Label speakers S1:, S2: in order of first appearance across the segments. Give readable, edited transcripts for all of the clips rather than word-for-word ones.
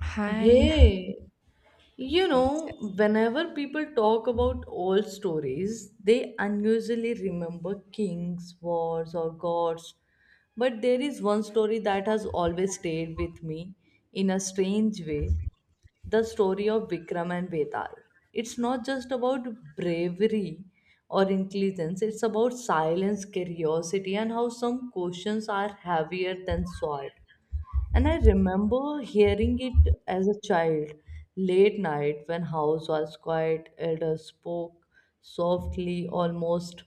S1: Hi.
S2: Hey, you
S1: Yes.
S2: know, whenever people talk about old stories, they unusually remember kings, wars, or gods. But there is one story that has always stayed with me in a strange way, the story of Vikram and Betal. It's not just about bravery or intelligence, it's about silence, curiosity, and how some questions are heavier than sword. And I remember hearing it as a child, late night when house was quiet, elders spoke softly, almost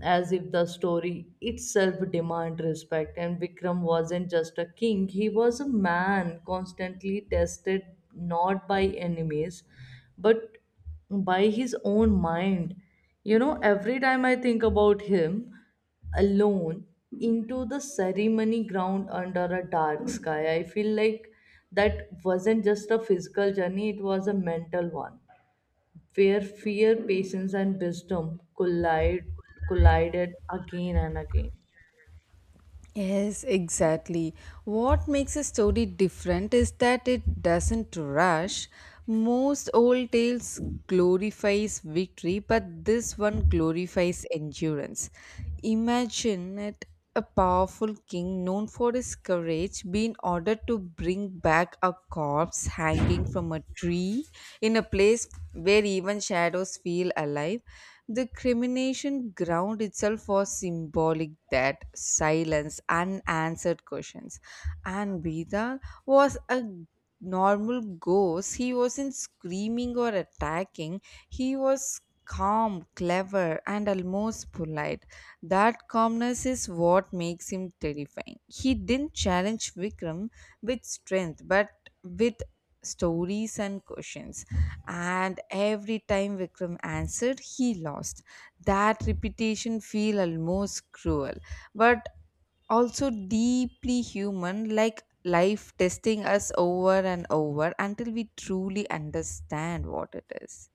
S2: as if the story itself demanded respect. And Vikram wasn't just a king, he was a man constantly tested, not by enemies, but by his own mind. You know, every time I think about him alone into the ceremony ground under a dark sky, I feel like that wasn't just a physical journey, it was a mental one where fear, patience, and wisdom collide, collided again and again.
S1: Yes, exactly. What makes a story different is that it doesn't rush. Most old tales glorifies victory, but this one glorifies endurance. Imagine it a powerful king known for his courage being ordered to bring back a corpse hanging from a tree in a place where even shadows feel alive. The crimination ground itself was symbolic that silence, unanswered questions. And Bida was a normal ghost. He wasn't screaming or attacking. He was calm, clever, and almost polite. That calmness is what makes him terrifying. He didn't challenge Vikram with strength, but with stories and questions, and every time Vikram answered, he lost. That repetition feel almost cruel, but also deeply human, like life testing us over and over until we truly understand what it is.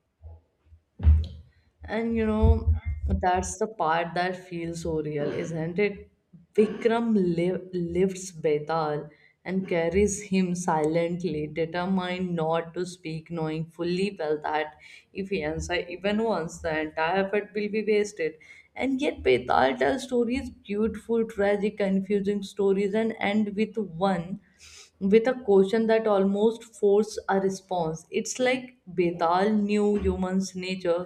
S2: And you know, that's the part that feels so real, isn't it? Lifts Betal and carries him silently, determined not to speak, knowing fully well that if he answers even once, the entire effort will be wasted. And yet, Betal tells stories, beautiful, tragic, confusing stories, and end with one with a question that almost forced a response. It's like Betal knew humans' nature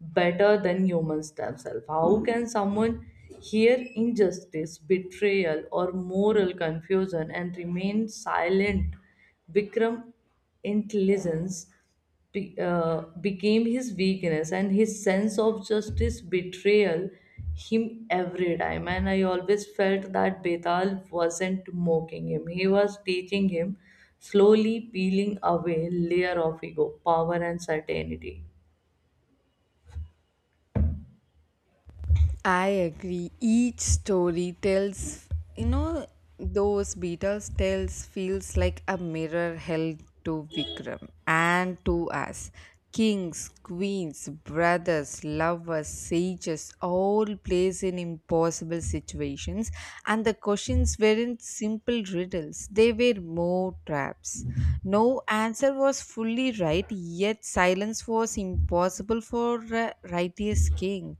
S2: better than humans themselves. How can someone hear injustice, betrayal, or moral confusion and remain silent? Bikram intelligence became his weakness, and his sense of justice betrayal him every time. And I always felt that Betal wasn't mocking him, he was teaching him, slowly peeling away layer of ego, power, and certainty.
S1: I agree. Each story tells, you know, those Beatles tales feels like a mirror held to Vikram and to us. Kings, queens, brothers, lovers, sages all placed in impossible situations, and the questions weren't simple riddles, they were more traps. No answer was fully right, yet silence was impossible for a righteous king.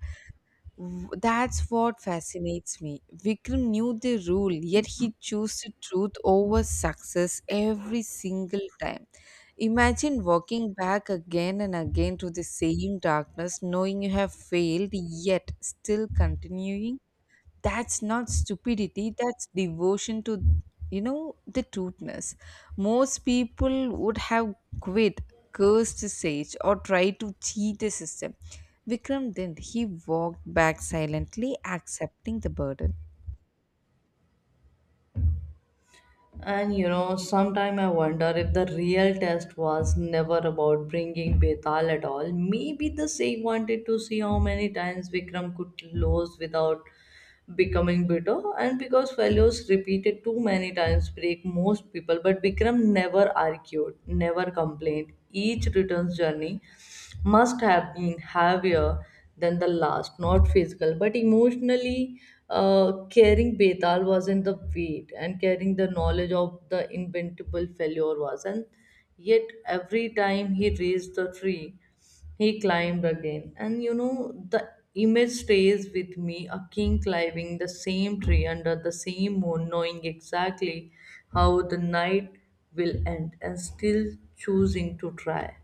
S1: That's what fascinates me. Vikram knew the rule, yet he chose the truth over success every single time. Imagine walking back again and again to the same darkness, knowing you have failed, yet still continuing. That's not stupidity, that's devotion to, the truthness. Most people would have quit, cursed the sage, or tried to cheat the system. Vikram didn't, he walked back silently accepting the burden.
S2: And you know, sometime I wonder if the real test was never about bringing Betal at all. Maybe the Sikh wanted to see how many times Vikram could lose without becoming bitter. And because failures repeated too many times break most people, but Vikram never argued, never complained. Each returns journey must have been heavier than the last, not physical, but emotionally. Carrying Betal was in the weight, and carrying the knowledge of the inventable failure was. And yet, every time he raised the tree, he climbed again. And you know, the image stays with me, a king climbing the same tree under the same moon, knowing exactly how the night will end, and still choosing to try.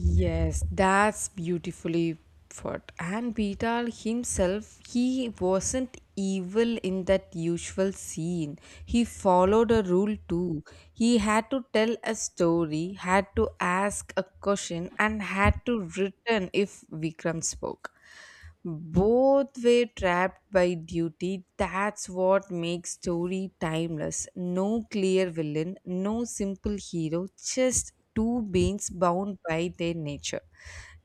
S1: Yes, that's beautifully put. And Beetle himself, he wasn't evil in that usual scene. He followed a rule too. He had to tell a story, had to ask a question, and had to return if Vikram spoke. Both were trapped by duty. That's what makes story timeless. No clear villain, no simple hero, just two beings bound by their nature.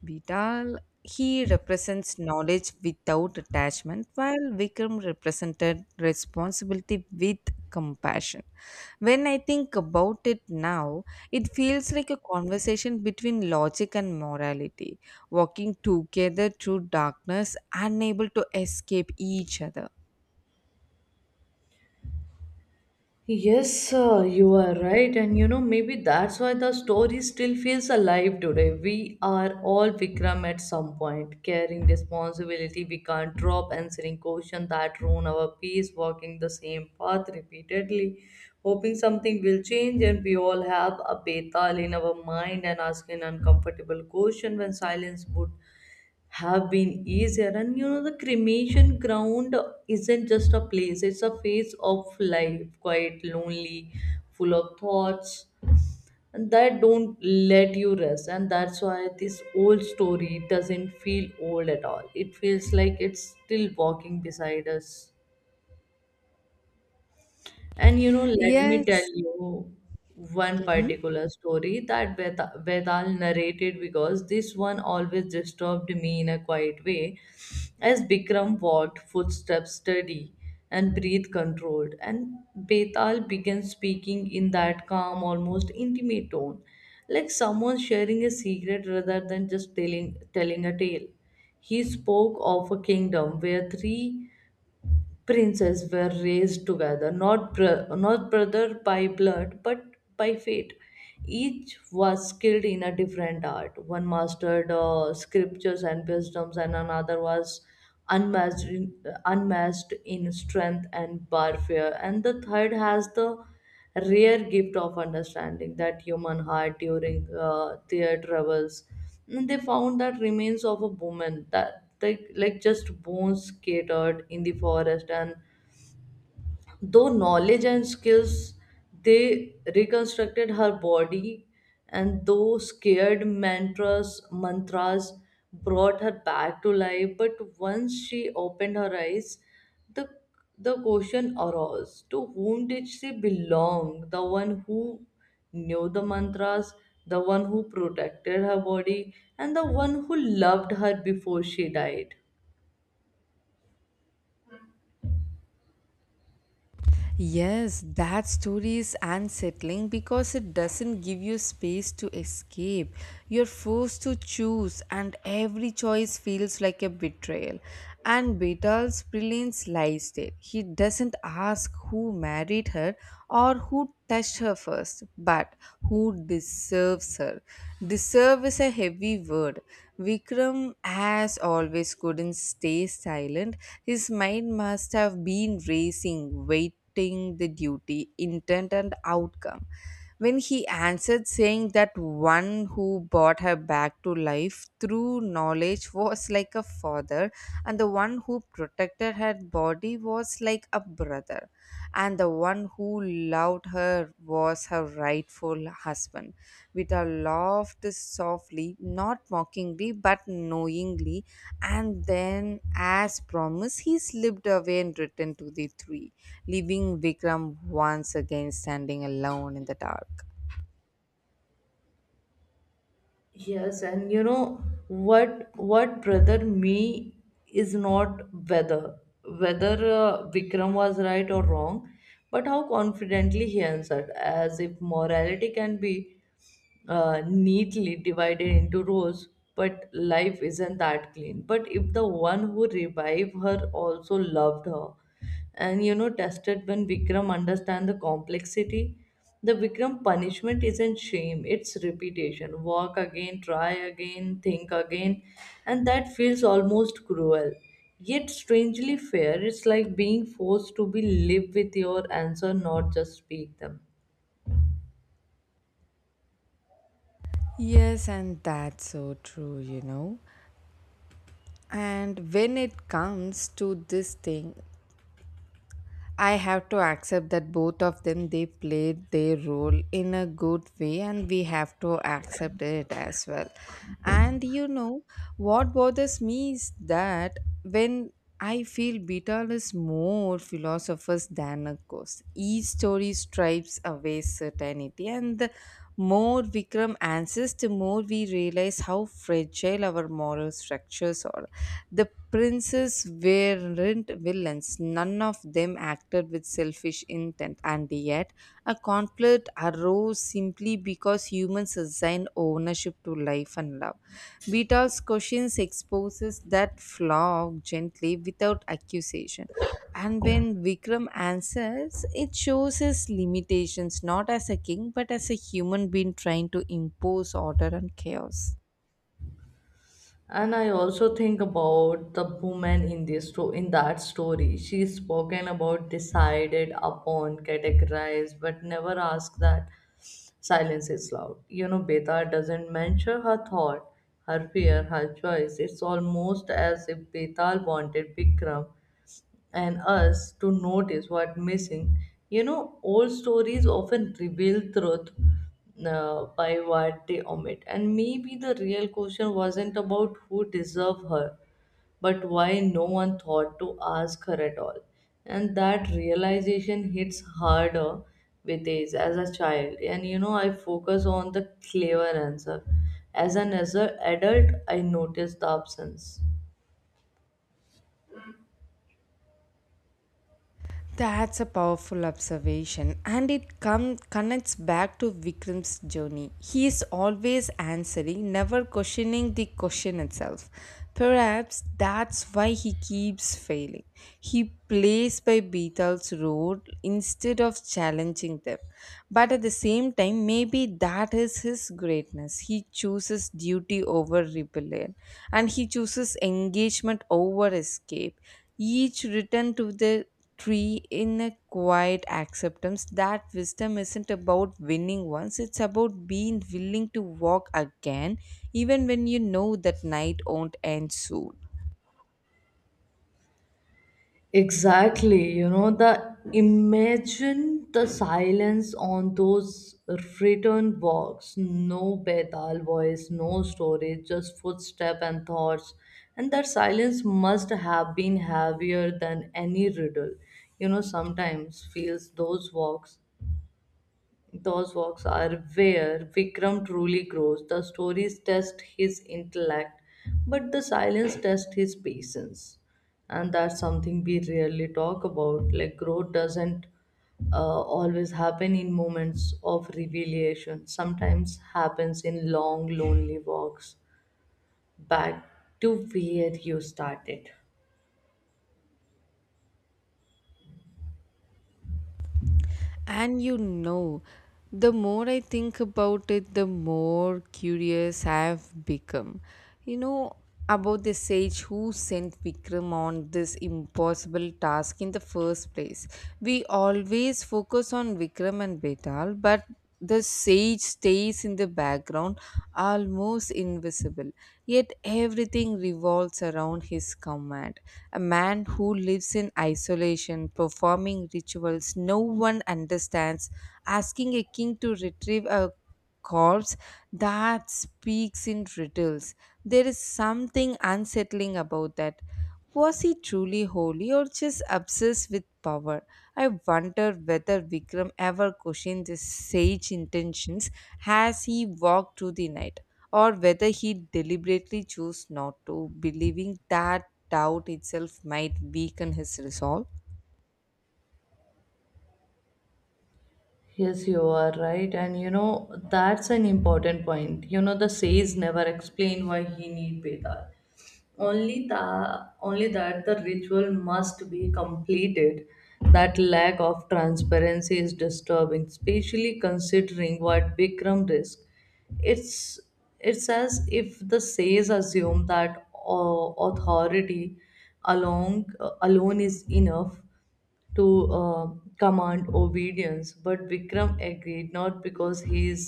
S1: Vital, he represents knowledge without attachment, while Vikram represented responsibility with compassion. When I think about it now, it feels like a conversation between logic and morality walking together through darkness, unable to escape each other.
S2: Yes, sir, you are right. And you know, maybe that's why the story still feels alive today. We are all Vikram at some point, carrying responsibility we can't drop, answering questions that ruin our peace, walking the same path repeatedly, hoping something will change. And we all have a betal in our mind and asking uncomfortable question when silence would have been easier. And you know, the cremation ground isn't just a place, it's a phase of life, quite lonely, full of thoughts and that don't let you rest. And that's why this old story doesn't feel old at all, it feels like it's still walking beside us. And you know, let me tell
S1: Yes.
S2: you one
S1: Mhm.
S2: particular story that Vedal narrated, because this one always disturbed me in a quiet way. As Bikram walked, footsteps steady and breathe controlled, and Betal began speaking in that calm, almost intimate tone, like someone sharing a secret rather than just telling a tale. He spoke of a kingdom where three princes were raised together, not brother by blood, but by fate. Each was skilled in a different art. One mastered scriptures and wisdoms, and another was unmatched in, unmatched in strength and warfare. And the third has the rare gift of understanding that human heart during their travels. And they found that remains of a woman that they, like, just bones scattered in the forest. And though knowledge and skills, they reconstructed her body, and though scared mantras brought her back to life. But once she opened her eyes, the the question arose: to whom did she belong? The one who knew the mantras, the one who protected her body, and the one who loved her before she died.
S1: Yes, that story is unsettling because it doesn't give you space to escape. You're forced to choose, and every choice feels like a betrayal. And Betal's brilliance lies there. He doesn't ask who married her or who touched her first, but who deserves her. Deserve is a heavy word. Vikram, as always, couldn't stay silent. His mind must have been racing, waiting the duty, intent, and outcome. When he answered, saying that one who brought her back to life through knowledge was like a father, and the one who protected her body was like a brother, and the one who loved her was her rightful husband. Vita laughed softly, not mockingly, but knowingly, and then, as promised, he slipped away and returned to the tree, leaving Vikram once again standing alone in the dark.
S2: Yes, and you know, what brother me is not whether whether Vikram was right or wrong, but how confidently he answered, as if morality can be neatly divided into rows, but life isn't that clean. But if the one who revived her also loved her, and you know tested when Vikram understand the complexity. The Vikram punishment isn't shame, it's repetition. Walk again, try again, think again, and that feels almost cruel. Yet strangely fair, it's like being forced to be live with your answer, not just speak them.
S1: Yes, and that's so true, you know. And when it comes to this thing, I have to accept that both of them they played their role in a good way and we have to accept it as well. And what bothers me is that when I feel Beetle is more philosophers than a ghost. Each story stripes away certainty and the more Vikram answers, the more we realize how fragile our moral structures are. The Princes weren't villains. None of them acted with selfish intent, and yet a conflict arose simply because humans assigned ownership to life and love. Beetle's questions exposes that flaw gently without accusation. And when Vikram answers, it shows his limitations not as a king but as a human being trying to impose order and chaos.
S2: And I also think about the woman in in that story. She's spoken about, decided upon, categorized, but never asked. That silence is loud, you know. Beta doesn't mention her thought, her fear, her choice. It's almost as if Betal wanted Bikram and us to notice what missing. You know, old stories often reveal truth by what they omit. And maybe the real question wasn't about who deserved her, but why no one thought to ask her at all. And that realization hits harder with age. As a child, and you know, I focus on the clever answer. As an as a adult, I notice the absence.
S1: That's a powerful observation, and connects back to Vikram's journey. He is always answering, never questioning the question itself. Perhaps that's why he keeps failing. He plays by Beetle's rule instead of challenging them. But at the same time, maybe that is his greatness. He chooses duty over rebellion, and he chooses engagement over escape. Each return to the tree in a quiet acceptance that wisdom isn't about winning once, it's about being willing to walk again even when you know that night won't end soon.
S2: Exactly, you know, the imagine the silence on those return walks. No Betal voice, no stories, just footstep and thoughts. And that silence must have been heavier than any riddle. You know, sometimes feels those walks are where Vikram truly grows. The stories test his intellect, but the silence tests his patience. And that's something we rarely talk about. Like, growth doesn't always happen in moments of revelation, sometimes happens in long, lonely walks back to where you started.
S1: And the more I think about it, the more curious I've become, you know about the sage who sent Vikram on this impossible task in the first place. We always focus on Vikram and Betal, but the sage stays in the background, almost invisible, yet everything revolves around his command. A man who lives in isolation, performing rituals no one understands, asking a king to retrieve a corpse that speaks in riddles. There is something unsettling about that. Was he truly holy or just obsessed with power? I wonder whether Vikram ever questioned his sage intentions as he walked through the night, or whether he deliberately chose not to, believing that doubt itself might weaken his resolve.
S2: Yes, you are right. And you know, that's an important point. You know, the says never explain why he need Bedar. Only the only that the ritual must be completed. That lack of transparency is disturbing, especially considering what bikram risk. It's it's as if the sages assume that authority along alone is enough to uh, command obedience. But vikram agreed, not because he is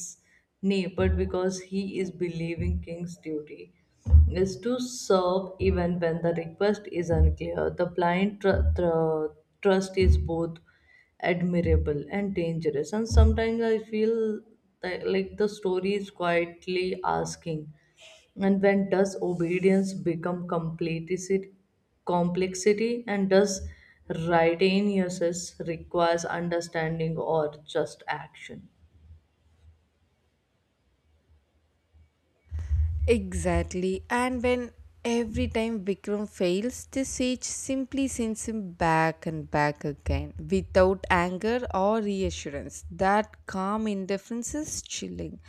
S2: knee, but because he is believing king's duty is to serve even when the request is unclear. The blind trust is both admirable and dangerous. And sometimes I feel that, like, the story is quietly asking, and when does obedience become complicity, complexity, and does righteousness requires understanding or just action?
S1: Exactly. And when every time Vikram fails, the sage simply sends him back and back again without anger or reassurance. That calm indifference is chilling.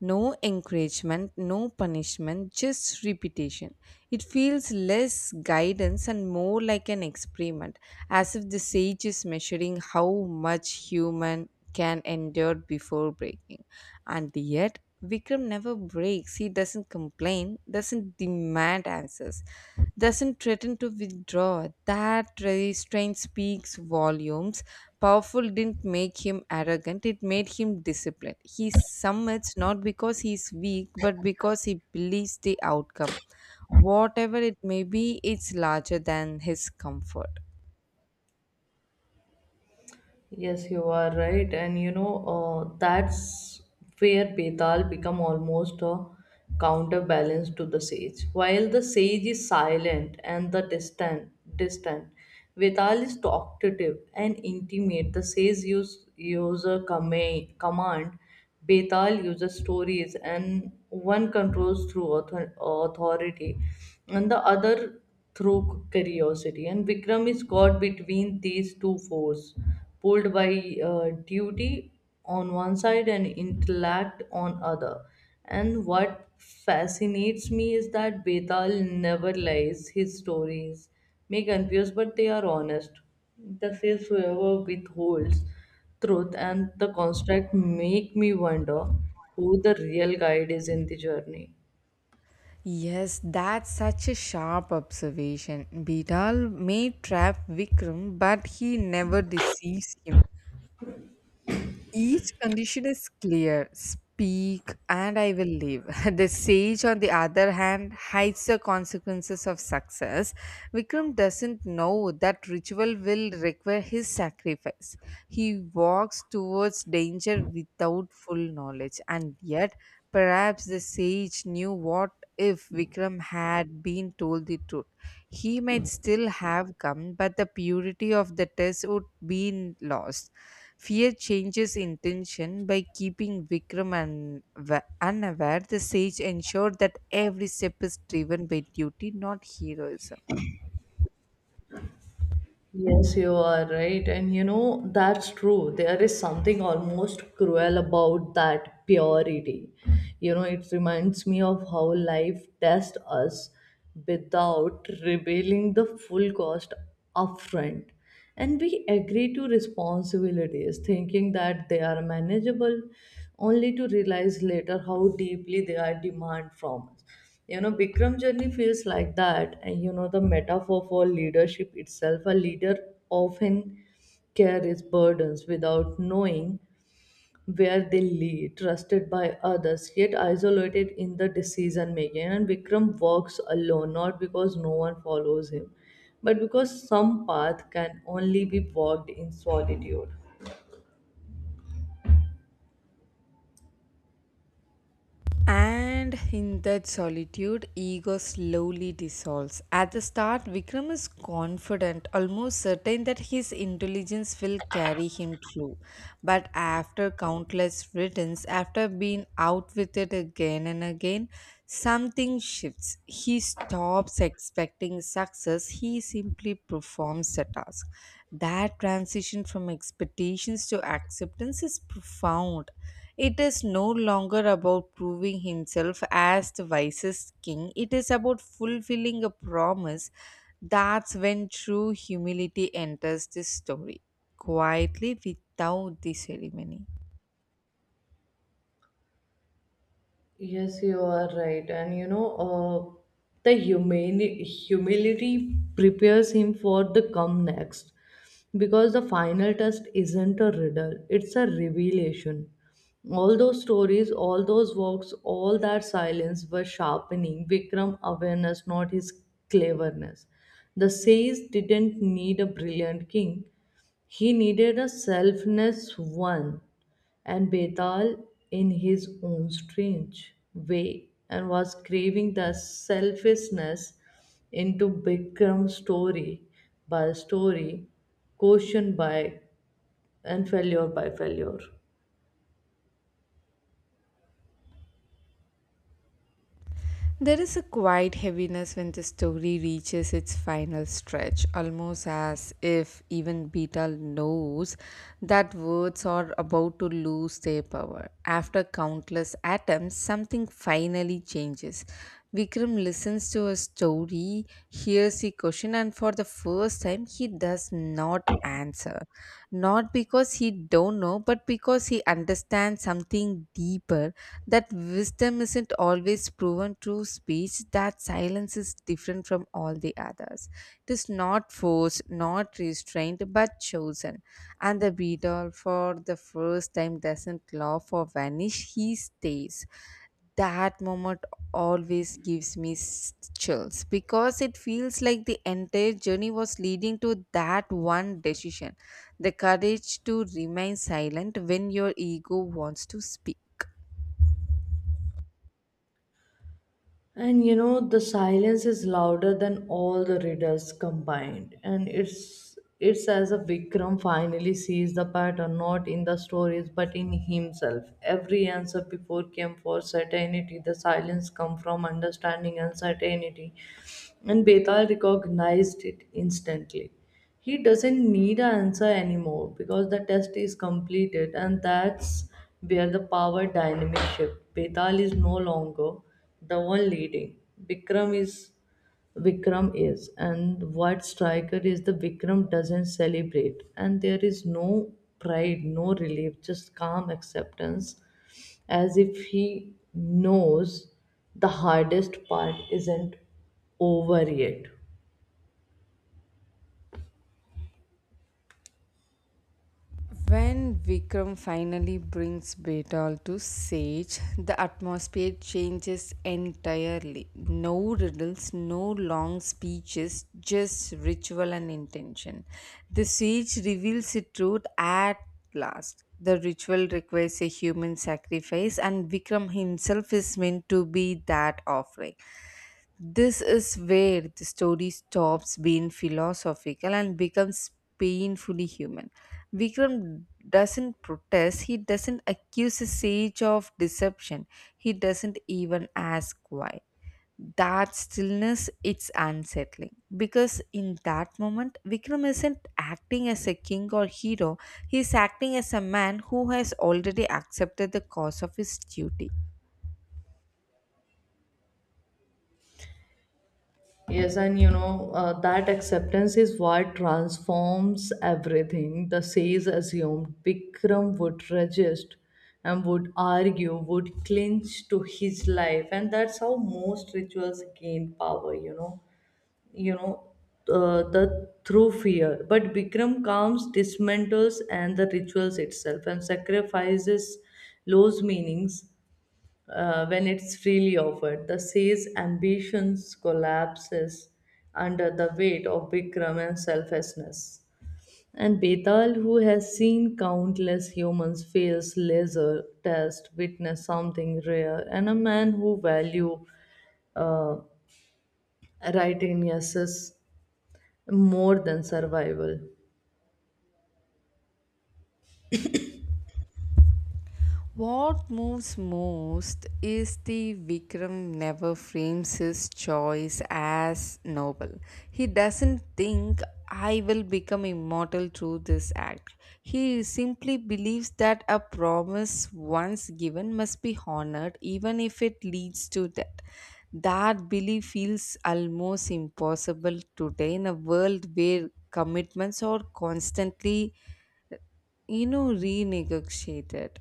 S1: No encouragement, no punishment, just repetition. It feels less guidance and more like an experiment, as if the sage is measuring how much human can endure before breaking. And yet, Vikram never breaks. He doesn't complain, doesn't demand answers, doesn't threaten to withdraw. That restraint speaks volumes. Powerful didn't make him arrogant, it made him disciplined. He summits not because he's weak, but because he believes the outcome. Whatever it may be, it's larger than his comfort.
S2: Yes, you are right, and you know that's where Betal become almost a counterbalance to the sage. While the sage is silent and the distant, Betal is talkative and intimate. The sage use a command, Betal uses stories, and one controls through authority, and the other through curiosity. And Vikram is caught between these two forces, pulled by duty on one side and intellect on other. And what fascinates me is that Betal never lies. His stories may confuse, but they are honest. The faith whoever withholds truth and the construct make me wonder who the real guide is in the journey.
S1: Yes, that's such a sharp observation. Bidal may trap Vikram, but he never deceives him. Each condition is clear. Speak and I will live. The sage, on the other hand, hides the consequences of success. Vikram doesn't know that ritual will require his sacrifice. He walks towards danger without full knowledge, and yet perhaps the sage knew what if Vikram had been told the truth. He might still have come, but the purity of the test would be lost. Fear changes intention by keeping Vikram unaware. The sage ensured that every step is driven by duty, not heroism.
S2: Yes, you are right. And you know, that's true. There is something almost cruel about that purity. You know, it reminds me of how life tests us without revealing the full cost upfront. And we agree to responsibilities, thinking that they are manageable, only to realize later how deeply they are demand from us. You know, bikram journey feels like that. And you know, the metaphor for leadership itself, a leader often carries burdens without knowing where they lead, trusted by others yet isolated in the decision making. And Vikram walks alone, not because no one follows him, but because some path can only be walked in solitude.
S1: And in that solitude, ego slowly dissolves. At the start, Vikram is confident, almost certain that his intelligence will carry him through. But after countless returns, after being out with it again and again, something shifts. He stops expecting success, he simply performs the task. That transition from expectations to acceptance is profound. It is no longer about proving himself as the wisest king, it is about fulfilling a promise. That's when true humility enters this story, quietly without the ceremony.
S2: Yes, you are right. And you know, uh, the humility prepares him for the come next, because the final test isn't a riddle, it's a revelation. All those stories, all those works, all that silence were sharpening Vikram awareness, not his cleverness. The sage didn't need a brilliant king, he needed a selfless one, and Betal, in his own strange way, and was craving the selfishness into Bikram's story by story, caution by and failure by failure.
S1: There is a quiet heaviness when the story reaches its final stretch, almost as if even Beta knows that words are about to lose their power. After countless attempts, something finally changes. Vikram listens to a story, hears a question, and for the first time, he does not answer. Not because he don't know, but because he understands something deeper. That wisdom isn't always proven through speech. That silence is different from all the others. It is not forced, not restrained, but chosen. And the beetle, for the first time, doesn't laugh or vanish. He stays. That moment always gives me chills because it feels like the entire journey was leading to that one decision, the courage to remain silent when your ego wants to speak.
S2: And you know, the silence is louder than all the riddles combined. And it's as if Vikram finally sees the pattern, not in the stories, but in himself. Every answer before came for certainty. The silence come from understanding and certainty. And Betal recognized it instantly. He doesn't need an answer anymore because the test is completed, and that's where the power dynamic shift. Betal is no longer the one leading. Vikram is Vikram is, and what striker is the Vikram doesn't celebrate, and there is no pride, no relief, just calm acceptance, as if he knows the hardest part isn't over yet.
S1: When Vikram finally brings Betal to Sage, the atmosphere changes entirely. No riddles, no long speeches, just ritual and intention. The Sage reveals its truth at last. The ritual requires a human sacrifice, and Vikram himself is meant to be that offering. This is where the story stops being philosophical and becomes painfully human. Vikram doesn't protest, he doesn't accuse the sage of deception, he doesn't even ask why. That stillness, it's unsettling because in that moment Vikram isn't acting as a king or hero, he's acting as a man who has already accepted the cost of his duty.
S2: Yes, and you know, that acceptance is what transforms everything. The says assumed Bikram would resist and would argue, would clinch to his life, and that's how most rituals gain power, you know. You know, the through fear. But Bikram comes, dismantles, and the rituals itself, and sacrifices lose meanings when it's freely offered. The sage's ambitions collapses under the weight of Bikram and selflessness. And Betal, who has seen countless humans fails laser test, witness something rare, and a man who value uh, righteousness more than survival.
S1: What moves most is the Vikram never frames his choice as noble. He doesn't think I will become immortal through this act. He simply believes that a promise once given must be honored even if it leads to death. That belief feels almost impossible today in a world where commitments are constantly, renegotiated.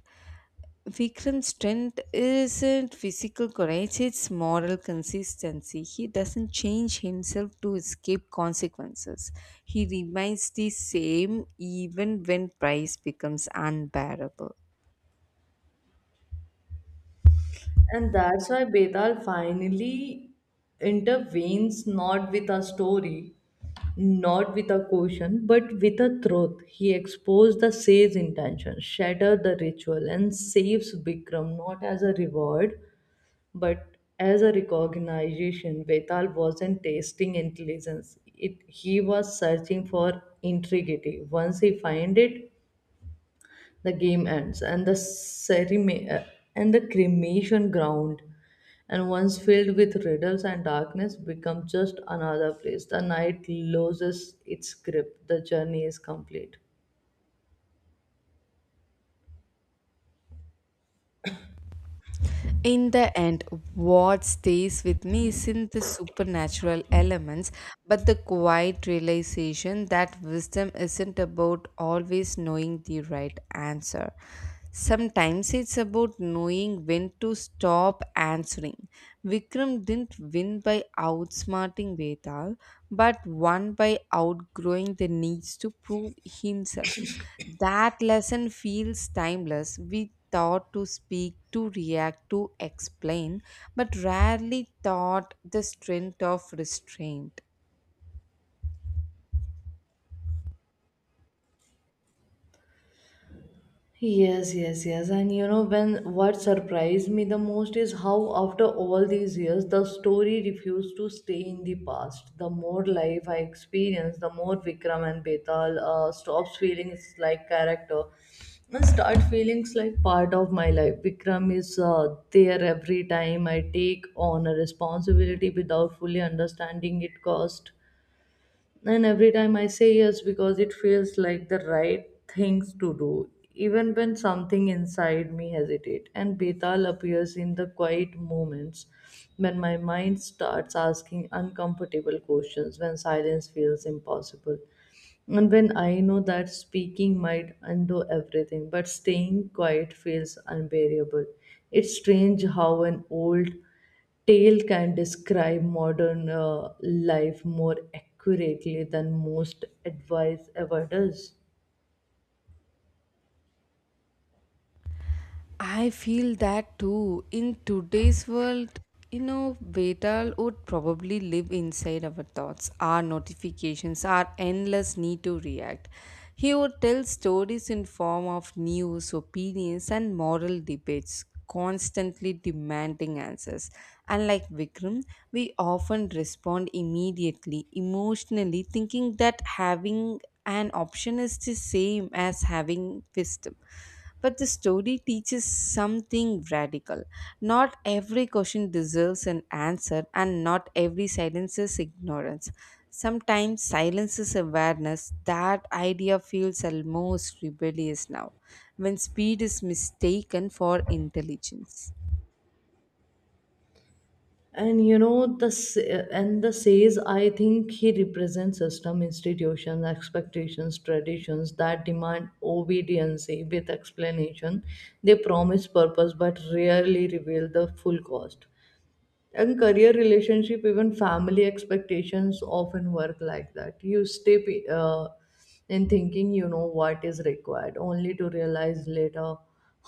S1: Vikram's strength isn't physical courage, it's moral consistency. He doesn't change himself to escape consequences. He remains the same even when price becomes unbearable.
S2: And that's why Betal finally intervenes, not with a story, not with a caution, but with a truth. He exposed the sage's intention, shattered the ritual, and saves Bikram, not as a reward, but as a recognition. Betal wasn't tasting intelligence. It, he was searching for integrity. Once he find it, the game ends, and the ceremony and the cremation ground and once filled with riddles and darkness become just another place. The night loses its grip, the journey is complete.
S1: In the end, what stays with me isn't the supernatural elements, but the quiet realization that wisdom isn't about always knowing the right answer. Sometimes it's about knowing when to stop answering. Vikram didn't win by outsmarting Vedal, but won by outgrowing the needs to prove himself. That lesson feels timeless. We thought to speak, to react, to explain, but rarely thought the strength of restraint.
S2: Yes, yes, yes. And you know, when what surprised me the most is how, after all these years, the story refused to stay in the past. The more life I experience, the more Vikram and Betal stops feeling like character and start feeling like part of my life. Vikram is there every time I take on a responsibility without fully understanding it cost, and every time I say yes because it feels like the right things to do, even when something inside me hesitate. And Betal appears in the quiet moments when my mind starts asking uncomfortable questions, when silence feels impossible. And when I know that speaking might undo everything, but staying quiet feels unbearable. It's strange how an old Tail can describe modern life more accurately than most advice ever does.
S1: I feel that too. In today's world, Vedal would probably live inside our thoughts, our notifications, our endless need to react. He would tell stories in form of news, opinions, and moral debates, constantly demanding answers. Unlike Vikram, we often respond immediately, emotionally, thinking that having an option is the same as having wisdom, but the story teaches something radical. Not every question deserves an answer, and not every silence is ignorance. Sometimes silence is awareness. That idea feels almost rebellious now, when speed is mistaken for intelligence.
S2: And you know and the says I think he represents system, institutions, expectations, traditions that demand obedience with explanation. They promise purpose but rarely reveal the full cost. And career relationship even family expectations often work like that. You stay in thinking you know what is required, only to realize later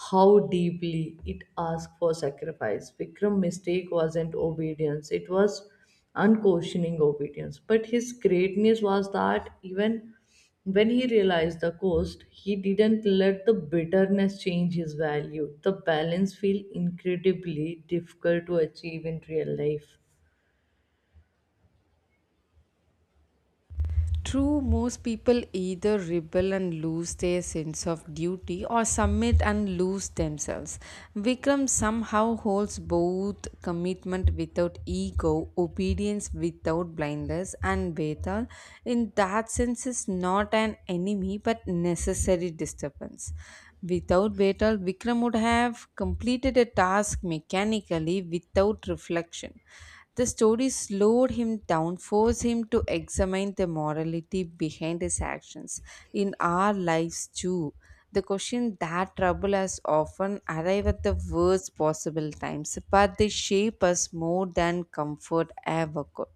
S2: how deeply it asked for sacrifice. Vikram mistake wasn't obedience, it was unquestioning obedience. But his greatness was that even when he realized the cost, he didn't let the bitterness change his value. The balance feels incredibly difficult to achieve in real life.
S1: True, most people either rebel and lose their sense of duty or submit and lose themselves. Vikram somehow holds both commitment without ego, obedience without blindness, and Betal, in that sense, is not an enemy but necessary disturbance. Without Betal, Vikram would have completed a task mechanically without reflection. The story slowed him down, forced him to examine the morality behind his actions in our lives too. The question that trouble us often arrive at the worst possible times, but they shape us more than comfort ever could.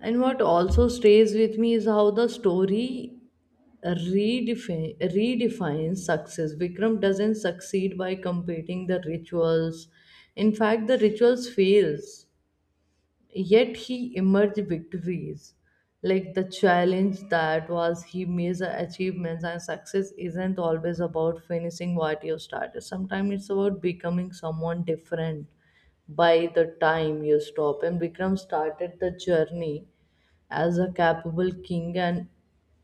S2: And what also stays with me is how the story redefines success. Vikram doesn't succeed by completing the rituals. In fact, the rituals fails. Yet he emerged victories. Like the challenge that was he major achievements, and success isn't always about finishing what you started. Sometimes it's about becoming someone different by the time you stop. And Vikram started the journey as a capable king and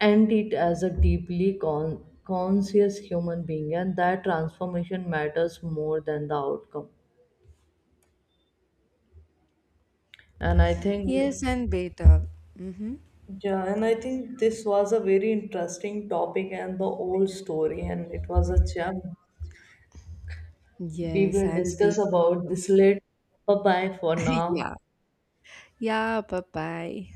S2: end it as a deeply conscious human being, and that transformation matters more than the outcome. And I think,
S1: Yes, and better. Mm-hmm.
S2: yeah, and I think this was a very interesting topic and the old story, and it was a gem. We
S1: Yes,
S2: will
S1: and we.
S2: discuss about this later. Bye bye for
S1: Yeah.
S2: now.
S1: Yeah, bye bye.